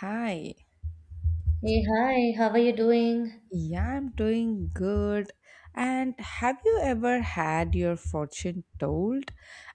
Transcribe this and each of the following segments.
Hi. Hey, hi, how are you doing? Yeah, I'm doing good. And have you ever had your fortune told?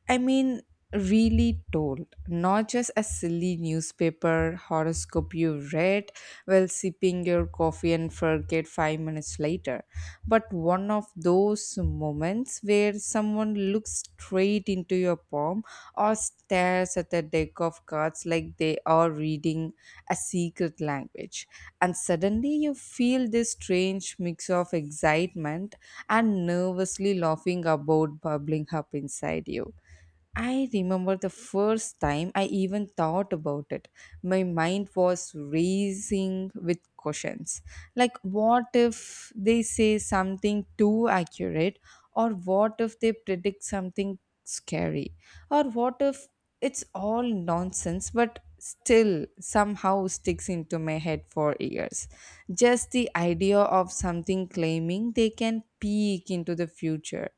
I mean, really told, not just a silly newspaper horoscope you read while sipping your coffee and forget 5 minutes later, but one of those moments where someone looks straight into your palm or stares at the deck of cards like they are reading a secret language, and suddenly you feel this strange mix of excitement and nervously laughing about bubbling up inside you. I remember the first time I even thought about it. My mind was racing with questions. Like, what if they say something too accurate? Or what if they predict something scary? Or what if it's all nonsense but still somehow sticks into my head for years? Just the idea of something claiming they can peek into the future.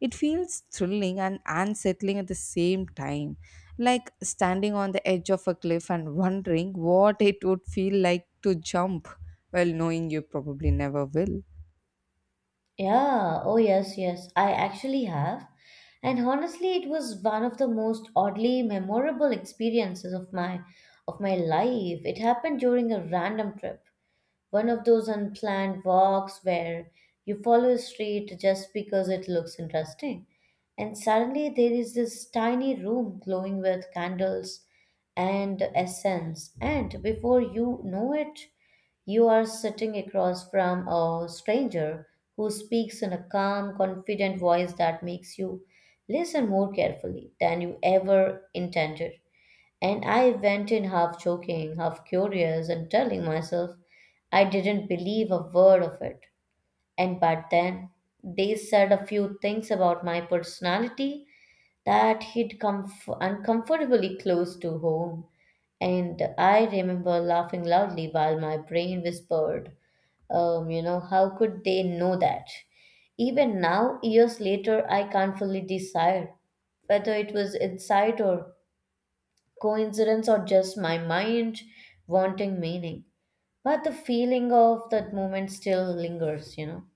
It feels thrilling and unsettling at the same time, like standing on the edge of a cliff and wondering what it would feel like to jump, while knowing you probably never will. Yeah, I actually have. And honestly, it was one of the most oddly memorable experiences of my life. It happened during a random trip. One of those unplanned walks where you follow a street just because it looks interesting. And suddenly there is this tiny room glowing with candles and essence. And before you know it, you are sitting across from a stranger who speaks in a calm, confident voice that makes you listen more carefully than you ever intended. And I went in half joking, half curious, and telling myself I didn't believe a word of it. And but then they said a few things about my personality that hit uncomfortably close to home. And I remember laughing loudly while my brain whispered, how could they know that? Even now, years later, I can't fully decide whether it was insight or coincidence or just my mind wanting meaning. But the feeling of that moment still lingers.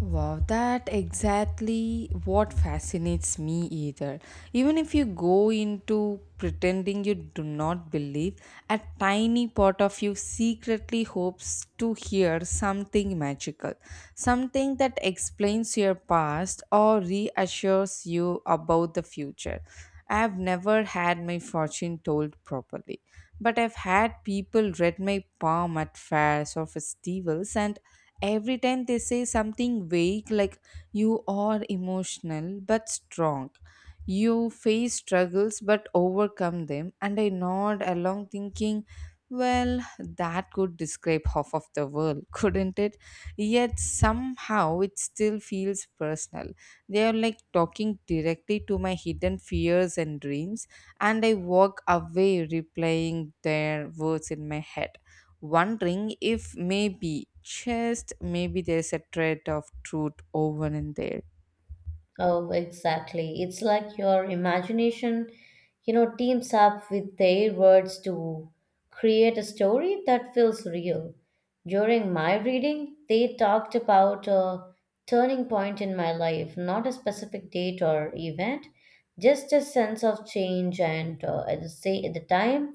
Wow, that exactly what fascinates me either. Even if you go into pretending you do not believe, a tiny part of you secretly hopes to hear something magical, something that explains your past or reassures you about the future. I have never had my fortune told properly, but I've had people read my palm at fairs or festivals, and every time they say something vague like you are emotional but strong, you face struggles but overcome them, and I nod along thinking, well, that could describe half of the world, couldn't it? Yet somehow it still feels personal. They are like talking directly to my hidden fears and dreams, and I walk away replaying their words in my head, wondering if maybe, just maybe, there's a thread of truth woven in there. Oh, exactly. It's like your imagination teams up with their words to create a story that feels real. During my reading, they talked about a turning point in my life, not a specific date or event, just a sense of change. And At the time,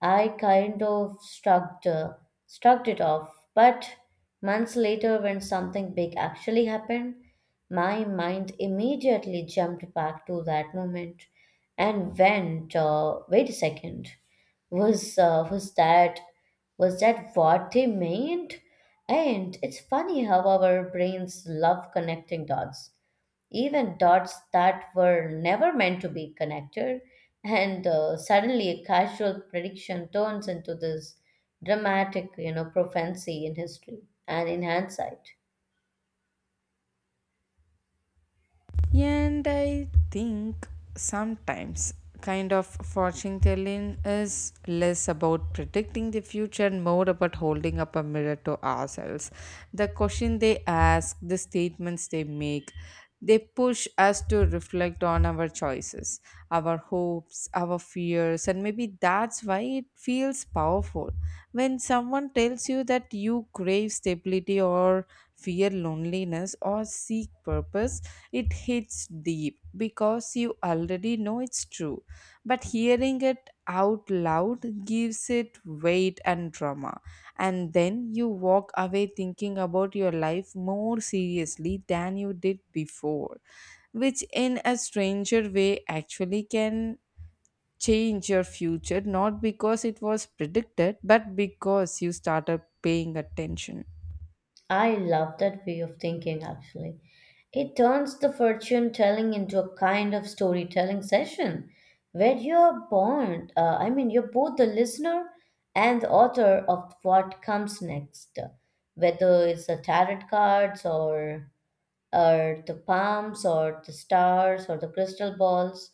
I kind of struck. Shrugged it off. But months later, when something big actually happened, my mind immediately jumped back to that moment and went, wait a second, was uh, was that was that what they meant? And it's funny how our brains love connecting dots even dots that were never meant to be connected. And Suddenly, a casual prediction turns into this dramatic prophecy in history and in hindsight. And I think sometimes kind of fortune telling is less about predicting the future and more about holding up a mirror to ourselves. The question they ask, the statements they make, they push us to reflect on our choices, our hopes, our fears, and maybe that's why it feels powerful. When someone tells you that you crave stability or fear loneliness, or seek purpose, it hits deep because you already know it's true. But hearing it out loud gives it weight and drama. And then you walk away thinking about your life more seriously than you did before, which in a stranger way actually can change your future, not because it was predicted but because you started paying attention. I love that way of thinking, actually. It turns the fortune telling into a kind of storytelling session where you're born, I mean, you're both the listener and the author of what comes next, whether it's the tarot cards or the palms or the stars or the crystal balls.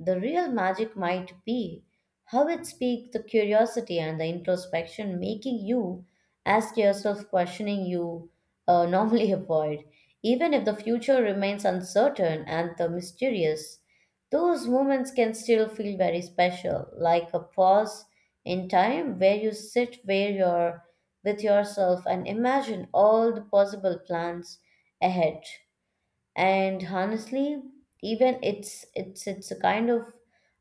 The real magic might be how it speaks the curiosity and the introspection, making you ask yourself questioning you normally avoid, even if the future remains uncertain and the mysterious. Those moments can still feel very special, like a pause in time where you're with yourself and imagine all the possible plans ahead. And honestly, even it's a kind of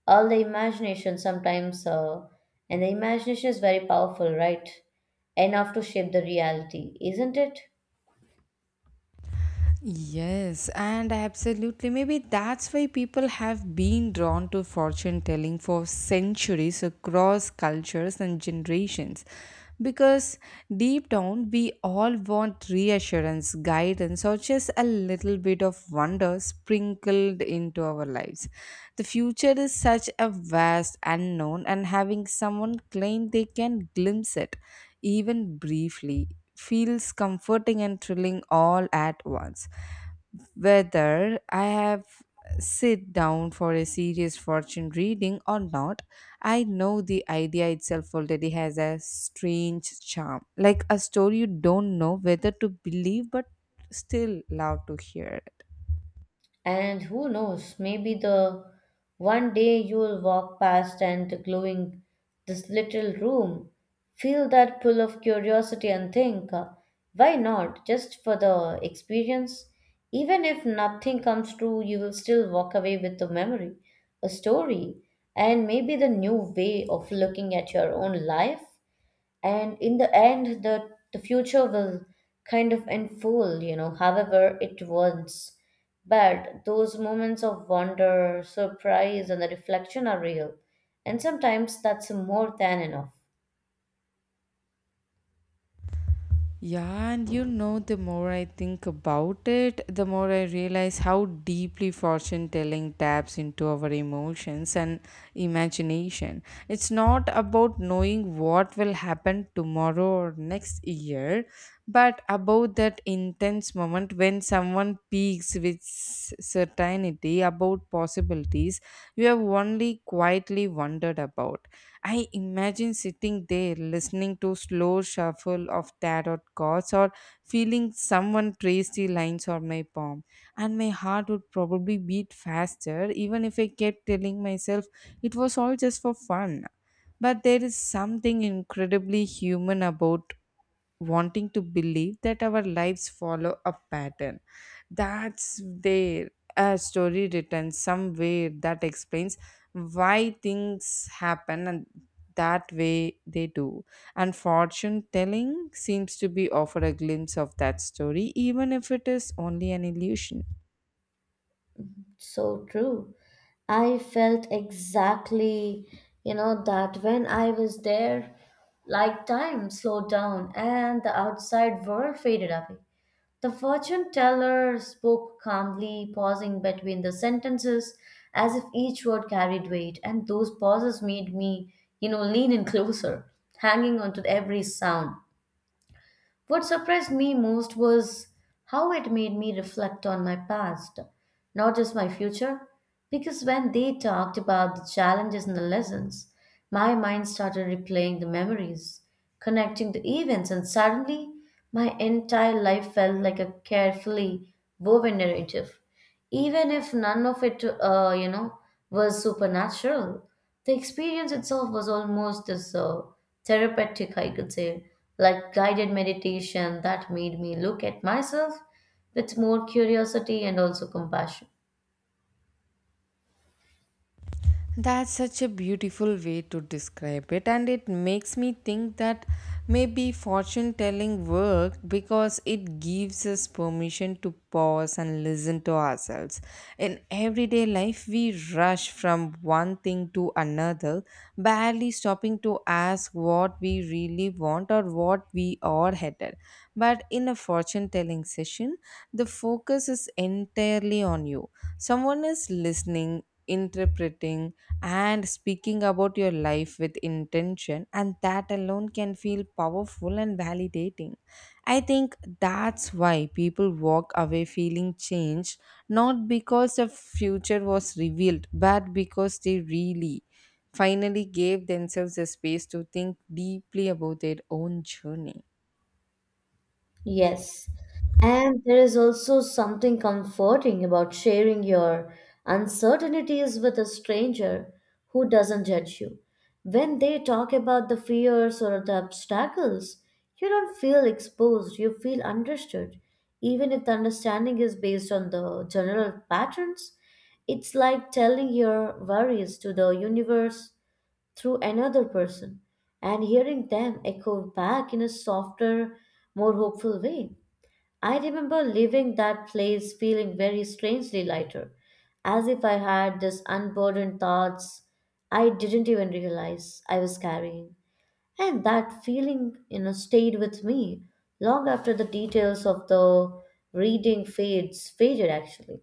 all the imagination sometimes and the imagination is very powerful, right? Enough to shape the reality, isn't it? Yes, and absolutely. Maybe that's why people have been drawn to fortune telling for centuries across cultures and generations. Because deep down, we all want reassurance, guidance, or just a little bit of wonder sprinkled into our lives. The future is such a vast unknown, and having someone claim they can glimpse it, even briefly, feels comforting and thrilling all at once. Whether I have sit down for a serious fortune reading or not, I know the idea itself already has a strange charm, like a story you don't know whether to believe but still love to hear it. And who knows, maybe the one day you'll walk past and glowing this little room, feel that pull of curiosity and think, why not? Just for the experience. Even if nothing comes true, you will still walk away with a memory, a story, and maybe the new way of looking at your own life, and in the end the future will kind of unfold, you know, however it wants, but those moments of wonder, surprise, and the reflection are real, and sometimes that's more than enough. Yeah, and you know, the more I think about it, the more I realize how deeply fortune telling taps into our emotions and imagination. It's not about knowing what will happen tomorrow or next year, but about that intense moment when someone peaks with certainty about possibilities you have only quietly wondered about. I imagine sitting there listening to slow shuffle of tarot cards, or feeling someone trace the lines on my palm, and my heart would probably beat faster even if I kept telling myself it was all just for fun. But there is something incredibly human about wanting to believe that our lives follow a pattern. That's there. A story written somewhere that explains why things happen and that way they do. And fortune telling seems to be offer a glimpse of that story, even if it is only an illusion. So true. I felt exactly, you know, that when I was there, like time slowed down and the outside world faded away. The fortune teller spoke calmly, pausing between the sentences as if each word carried weight, and those pauses made me, you know, lean in closer, hanging onto every sound. What surprised me most was how it made me reflect on my past, not just my future. Because when they talked about the challenges and the lessons, my mind started replaying the memories, connecting the events, and suddenly my entire life felt like a carefully woven narrative, even if none of it was supernatural. The experience itself was almost as therapeutic, I could say, like guided meditation that made me look at myself with more curiosity and also compassion. That's such a beautiful way to describe it, and it makes me think that maybe fortune telling works because it gives us permission to pause and listen to ourselves. In everyday life, we rush from one thing to another, barely stopping to ask what we really want or what we are headed. But in a fortune telling session, the focus is entirely on you. Someone is listening interpreting, and speaking about your life with intention, and that alone can feel powerful and validating. I think that's why people walk away feeling changed, not because the future was revealed, but because they really finally gave themselves a space to think deeply about their own journey. Yes. And there is also something comforting about sharing your uncertainties with a stranger who doesn't judge you. When they talk about the fears or the obstacles, you don't feel exposed, you feel understood. Even if the understanding is based on the general patterns, it's like telling your worries to the universe through another person and hearing them echo back in a softer, more hopeful way. I remember leaving that place feeling very strangely lighter, as if I had this unburdened thoughts I didn't even realize I was carrying. And that feeling, you know, stayed with me long after the details of the reading fades faded actually.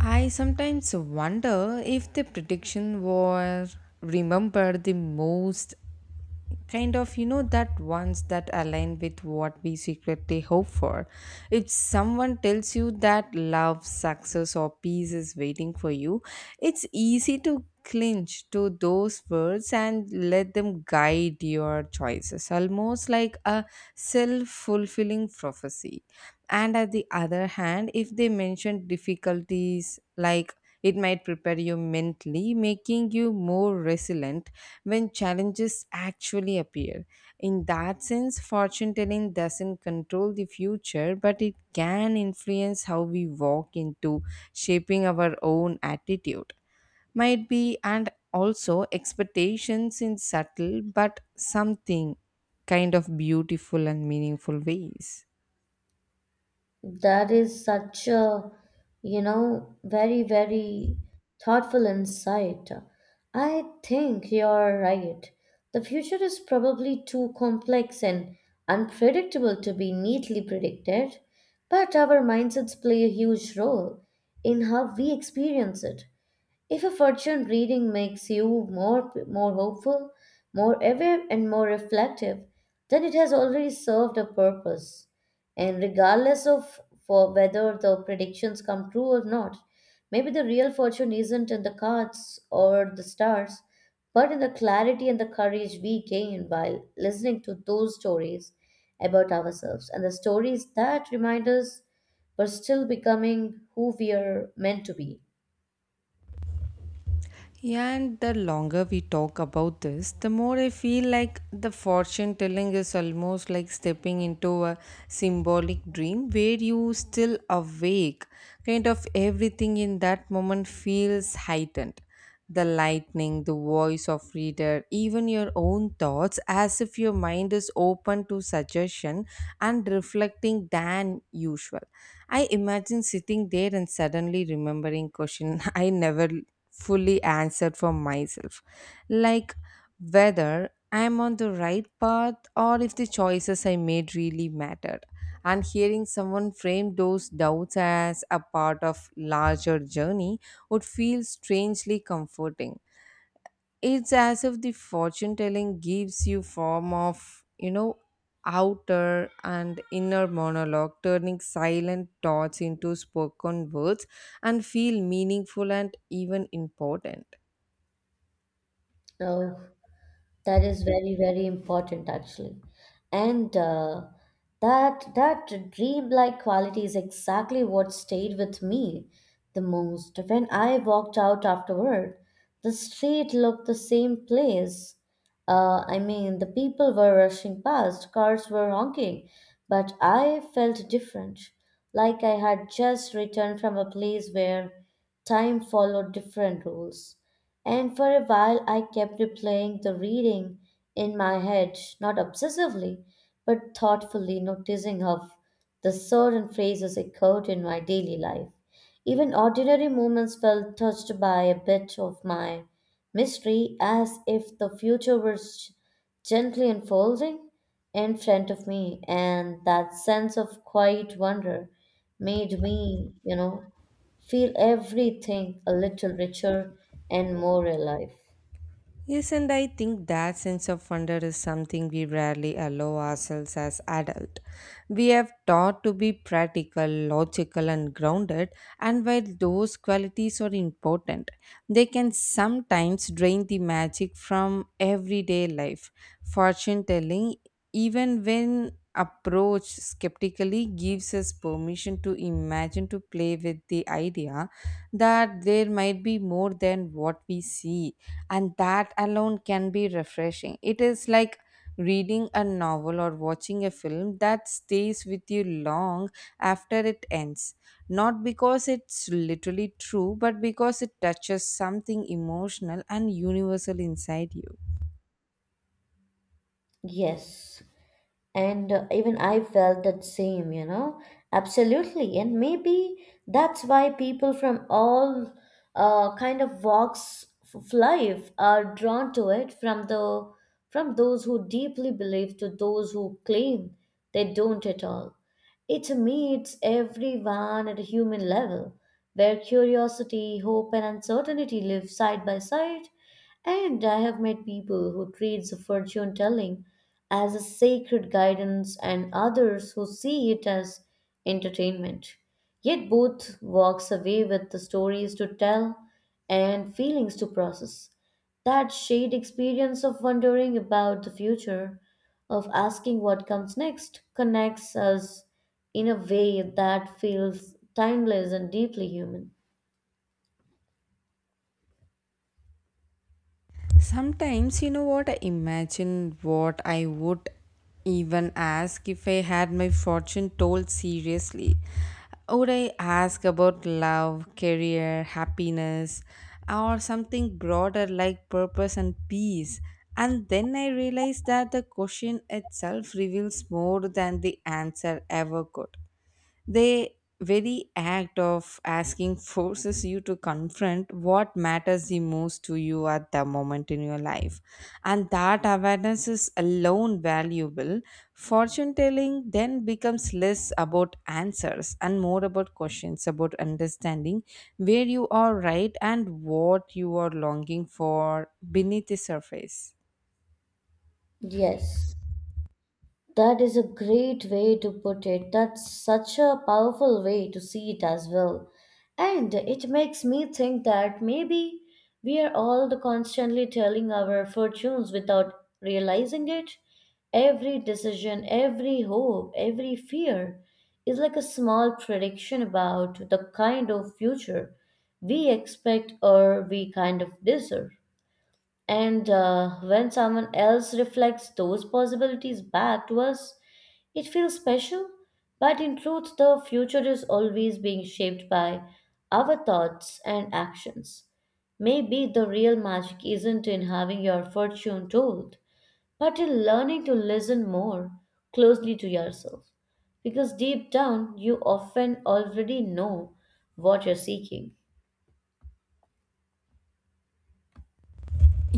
I sometimes wonder if the prediction were remembered the most, kind of, you know, that ones that align with what we secretly hope for. If someone tells you that love success or peace is waiting for you, it's easy to clinch to those words and let them guide your choices, almost like a self-fulfilling prophecy. And at the other hand, if they mention difficulties like it might prepare you mentally, making you more resilient when challenges actually appear. In that sense, fortune telling doesn't control the future, but it can influence how we walk into, shaping our own attitude might be, and also expectations in subtle but something kind of beautiful and meaningful ways. That is such a very, very thoughtful insight. I think you're right. The future is probably too complex and unpredictable to be neatly predicted, but our mindsets play a huge role in how we experience it. If a fortune reading makes you more hopeful, more aware and more reflective, then it has already served a purpose. And regardless of for whether the predictions come true or not, maybe the real fortune isn't in the cards or the stars, but in the clarity and the courage we gain while listening to those stories about ourselves, and the stories that remind us we're still becoming who we are meant to be. Yeah, and the longer we talk about this, the more I feel like the fortune telling is almost like stepping into a symbolic dream where you still awake. Kind of everything in that moment feels heightened. The lightning, the voice of reader, even your own thoughts, as if your mind is open to suggestion and reflecting than usual. I imagine sitting there and suddenly remembering question I never fully answered for myself. Like whether I'm on the right path or if the choices I made really mattered. And hearing someone frame those doubts as a part of larger journey would feel strangely comforting. It's as if the fortune telling gives you form of, you know, outer and inner monologue, turning silent thoughts into spoken words and feel meaningful and even important. Now, That is very, very important actually. And that that dreamlike quality is exactly what stayed with me the most. When I walked out afterward, the street looked the same place. The people were rushing past, cars were honking, but I felt different, like I had just returned from a place where time followed different rules. And for a while, I kept replaying the reading in my head, not obsessively, but thoughtfully noticing how the certain phrases echoed in my daily life. Even ordinary moments felt touched by a bit of my mystery, as if the future was gently unfolding in front of me, and that sense of quiet wonder made me, you know, feel everything a little richer and more alive. Yes, and I think that sense of wonder is something we rarely allow ourselves as adults. We have taught to be practical, logical, and grounded, and while those qualities are important, they can sometimes drain the magic from everyday life. Fortune telling, even when approached skeptically, gives us permission to imagine to play with the idea that there might be more than what we see, and that alone can be refreshing. It is like reading a novel or watching a film that stays with you long after it ends. Not because it's literally true, but because it touches something emotional and universal inside you. Yes, And even I felt that same, you know, absolutely. And maybe that's why people from all kind of walks of life are drawn to it from those who deeply believe to those who claim they don't at all. It meets everyone at a human level, where curiosity, hope, and uncertainty live side by side. And I have met people who treat the fortune telling as a sacred guidance and others who see it as entertainment. Yet both walks away with the stories to tell and feelings to process. That shared experience of wondering about the future, of asking what comes next, connects us in a way that feels timeless and deeply human. Sometimes, you know what, I imagine what I would even ask if I had my fortune told seriously. Would I ask about love, career, happiness, or something broader like purpose and peace? And then I realized that the question itself reveals more than the answer ever could. The very act of asking forces you to confront what matters the most to you at the moment in your life. And that awareness is alone valuable. Fortune telling then becomes less about answers and more about questions, about understanding where you are right and what you are longing for beneath the surface. Yes. That is a great way to put it. That's such a powerful way to see it as well. And it makes me think that maybe we are all the constantly telling our fortunes without realizing it. Every decision, every hope, every fear is like a small prediction about the kind of future we expect or we kind of deserve. And When someone else reflects those possibilities back to us, it feels special. But in truth, the future is always being shaped by our thoughts and actions. Maybe the real magic isn't in having your fortune told, but in learning to listen more closely to yourself. Because deep down, you often already know what you're seeking.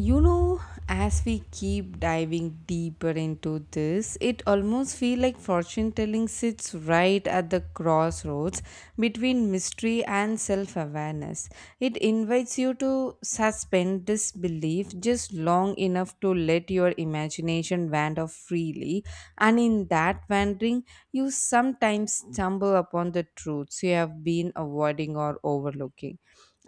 You know, as we keep diving deeper into this, it almost feels like fortune telling sits right at the crossroads between mystery and self awareness. It invites you to suspend disbelief just long enough to let your imagination wander freely, and in that wandering you sometimes stumble upon the truths you have been avoiding or overlooking.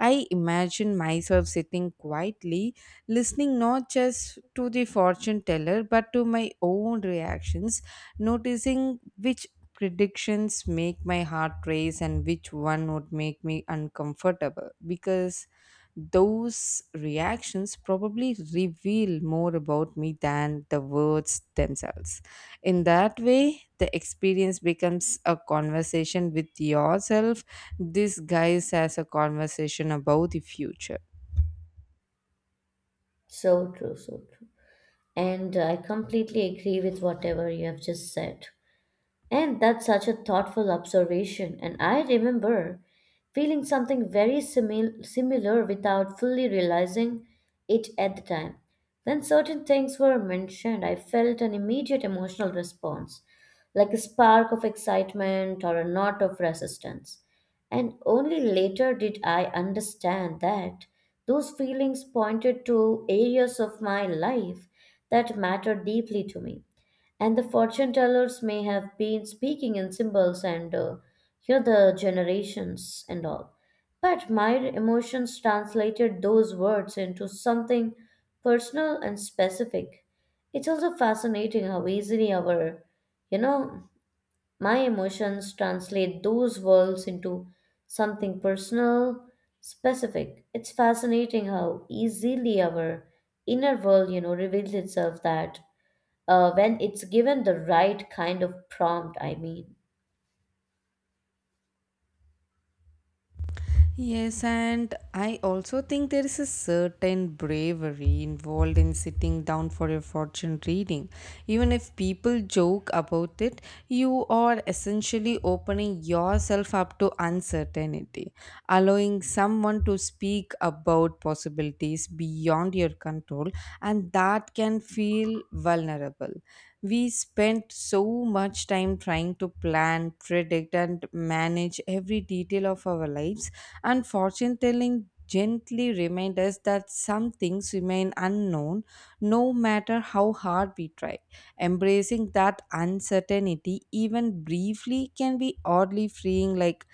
I imagine myself sitting quietly, listening not just to the fortune teller but to my own reactions, noticing which predictions make my heart race and which one would make me uncomfortable, because those reactions probably reveal more about me than the words themselves. In that way, the experience becomes a conversation with yourself, disguised as a conversation about the future. So true, so true. And I completely agree with whatever you have just said. And that's such a thoughtful observation. And I remember feeling something very similar without fully realizing it at the time. When certain things were mentioned, I felt an immediate emotional response, like a spark of excitement or a knot of resistance. And only later did I understand that those feelings pointed to areas of my life that mattered deeply to me, and the fortune tellers may have been speaking in symbols and you know the generations and all, but my emotions translated those words into something personal and specific. It's also fascinating how easily our you know my emotions translate those words into something personal, specific. It's fascinating how easily our inner world, you know, reveals itself that when it's given the right kind of prompt, I mean. Yes, and I also think there is a certain bravery involved in sitting down for your fortune reading. Even if people joke about it, you are essentially opening yourself up to uncertainty, allowing someone to speak about possibilities beyond your control, and that can feel vulnerable. We spent so much time trying to plan, predict, and manage every detail of our lives, and fortune telling gently reminds us that some things remain unknown no matter how hard we try. Embracing that uncertainty, even briefly, can be oddly freeing, like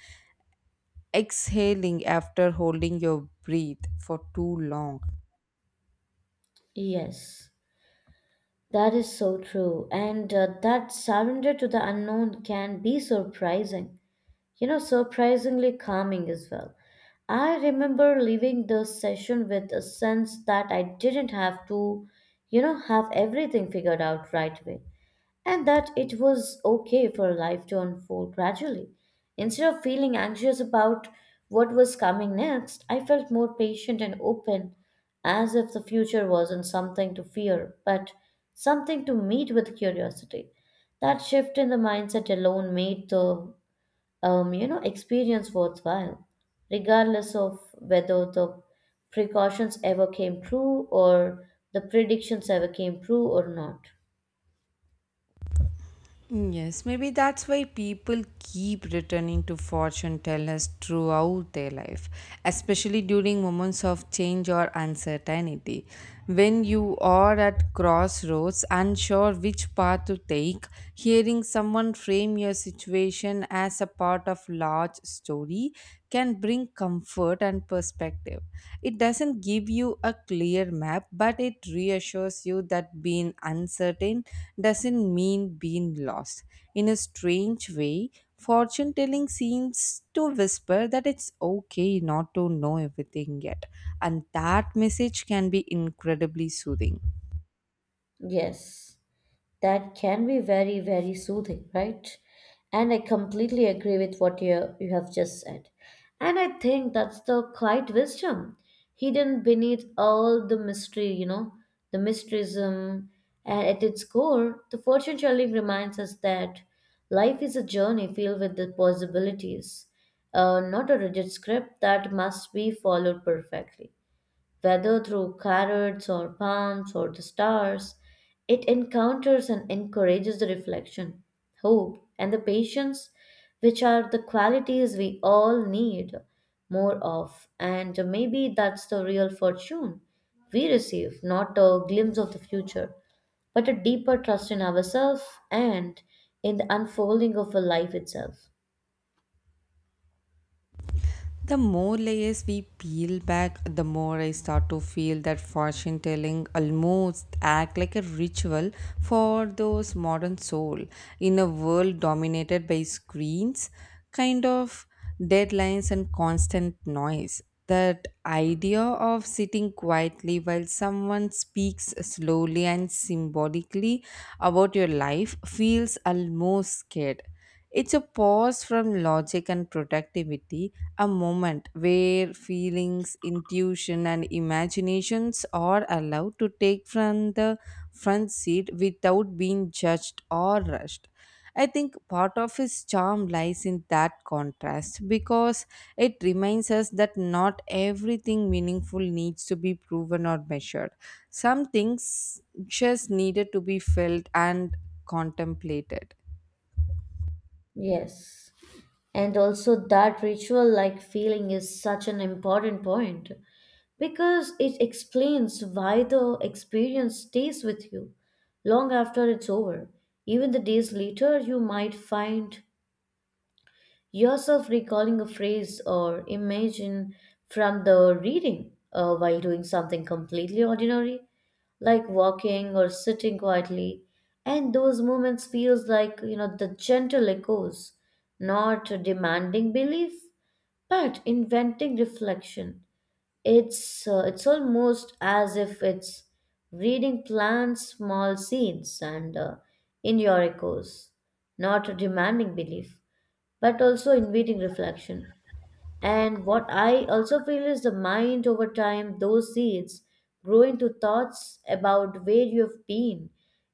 exhaling after holding your breath for too long. Yes, that is so true. And That surrender to the unknown can be surprising, you know, surprisingly calming as well. I remember leaving the session with a sense that I didn't have to, you know, have everything figured out right away, and that it was okay for life to unfold gradually. Instead of feeling anxious about what was coming next, I felt more patient and open, as if the future wasn't something to fear, but something to meet with curiosity. That shift in the mindset alone made the experience worthwhile, regardless of whether the precautions ever came true or the predictions ever came true or not. Mm, yes, maybe that's why people keep returning to fortune tellers throughout their life, especially during moments of change or uncertainty. When you are at crossroads, unsure which path to take, hearing someone frame your situation as a part of large story can bring between comfort and perspective. It doesn't give you a clear map, but it reassures you that being uncertain doesn't mean being lost. In a strange way, fortune telling seems to whisper that it's okay not to know everything yet, and that message can be incredibly soothing. Yes. That can be very, very soothing, right? And I completely agree with what you have just said. And I think that's the quiet wisdom hidden beneath all the mystery, you know, the mysticism. And at its core, the fortune telling reminds us that life is a journey filled with the possibilities, not a rigid script that must be followed perfectly, whether through carrots or palms or the stars. It encounters and encourages the reflection, hope, and the patience, which are the qualities we all need more of. And maybe that's the real fortune we receive, not a glimpse of the future, but a deeper trust in ourselves and in the unfolding of a life itself. The more layers we peel back, the more I start to feel that fortune telling almost act like a ritual for those modern soul in a world dominated by screens, kind of deadlines and constant noise. That idea of sitting quietly while someone speaks slowly and symbolically about your life feels almost scared. It's a pause from logic and productivity, a moment where feelings, intuition, and imaginations are allowed to take from the front seat without being judged or rushed. I think part of his charm lies in that contrast, because it reminds us that not everything meaningful needs to be proven or measured. Some things just needed to be felt and contemplated. Yes. And also, that ritual like feeling is such an important point because it explains why the experience stays with you long after it's over. Even the days later, you might find yourself recalling a phrase or imagine from the reading while doing something completely ordinary like walking or sitting quietly, and those moments feels like, you know, the gentle echoes, not demanding belief but inventing reflection. It's almost as if it's reading plans small scenes and in your echoes, not demanding belief but also inviting reflection. And what I also feel is the mind over time, those seeds grow into thoughts about where you have been,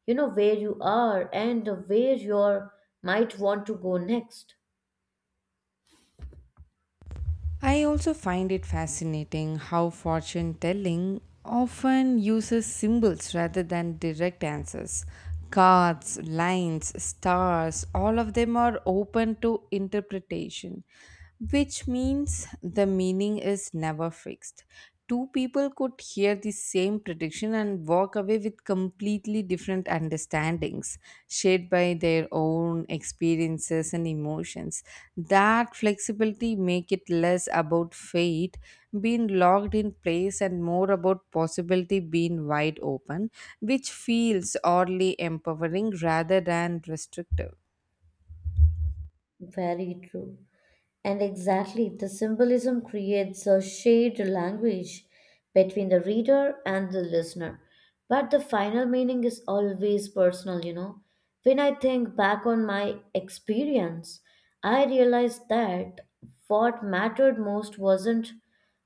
you know, where you are, and where you might want to go next. I also find it fascinating how fortune telling often uses symbols rather than direct answers. Cards, lines, stars, all of them are open to interpretation, which means the meaning is never fixed. Two people could hear the same prediction and walk away with completely different understandings shaped by their own experiences and emotions. That flexibility make it less about fate being locked in place and more about possibility being wide open, which feels oddly empowering rather than restrictive. Very true. And exactly, the symbolism creates a shared language between the reader and the listener. But the final meaning is always personal, you know. When I think back on my experience, I realized that what mattered most wasn't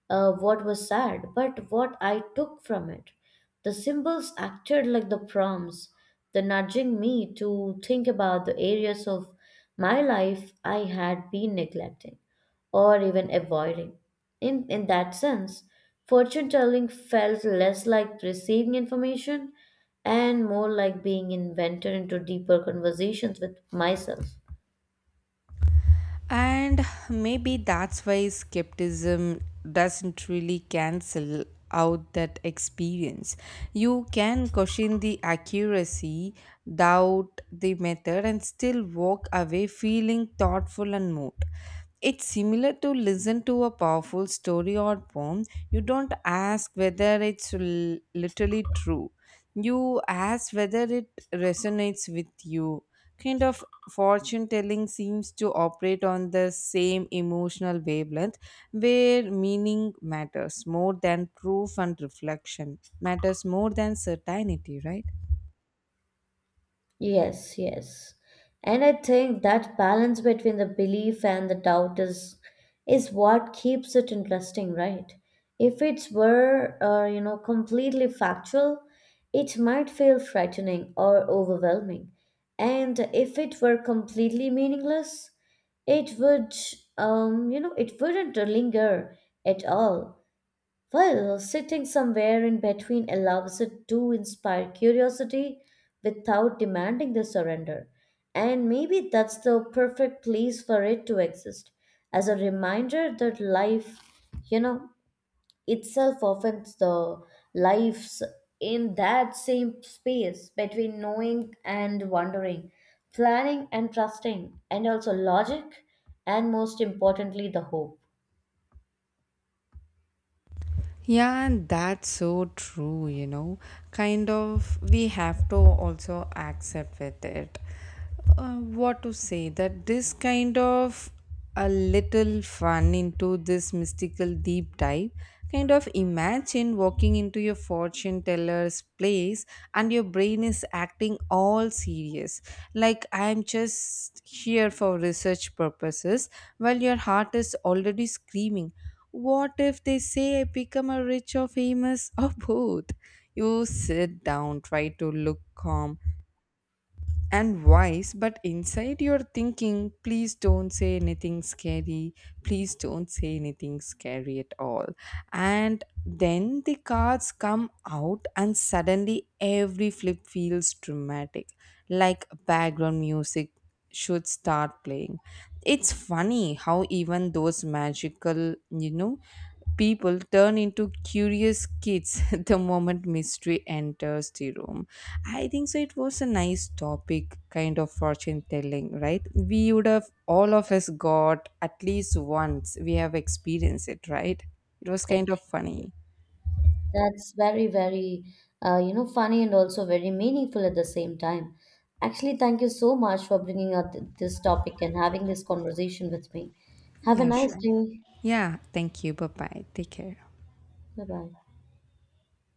what was sad, but what I took from it. The symbols acted like the prompts, the nudging me to think about the areas of my life I had been neglecting or even avoiding. In that sense, fortune telling felt less like receiving information and more like being invented into deeper conversations with myself. And maybe that's why skepticism doesn't really cancel out that experience. You can question the accuracy, doubt the method, and still walk away feeling thoughtful and moved. It's similar to listen to a powerful story or poem. You don't ask whether it's literally true. You ask whether it resonates with you, kind of. Fortune telling seems to operate on the same emotional wavelength where meaning matters more than proof and reflection matters more than certainty, right? Yes, yes. And I think that balance between the belief and the doubt is what keeps it interesting, right? If it were, completely factual, it might feel frightening or overwhelming. And if it were completely meaningless, it would, it wouldn't linger at all. Well, sitting somewhere in between allows it to inspire curiosity without demanding the surrender. And maybe that's the perfect place for it to exist as a reminder that life, you know, itself often the lives in that same space between knowing and wondering, planning and trusting, and also logic, and most importantly, the hope. Yeah, and that's so true, you know. Kind of, we have to also accept with it. What to say that this kind of a little fun into this mystical deep dive. Kind of imagine walking into your fortune teller's place and your brain is acting all serious, like I'm just here for research purposes, while your heart is already screaming. What if they say I become a rich or famous or both? You sit down, try to look calm and wise, but inside you're thinking, please don't say anything scary, please don't say anything scary at all. And then the cards come out, and suddenly every flip feels dramatic, like background music should start playing. It's funny how even those magical, you know, people turn into curious kids the moment mystery enters the room. I think so. It was a nice topic, kind of fortune telling, right? We would have all of us got at least once. We have experienced it, right? It was Like, kind of funny. That's very, very, funny and also very meaningful at the same time. Actually, thank you so much for bringing up this topic and having this conversation with me. Have a Yeah, nice sure. day. Yeah, thank you. Bye bye. Take care. Bye bye.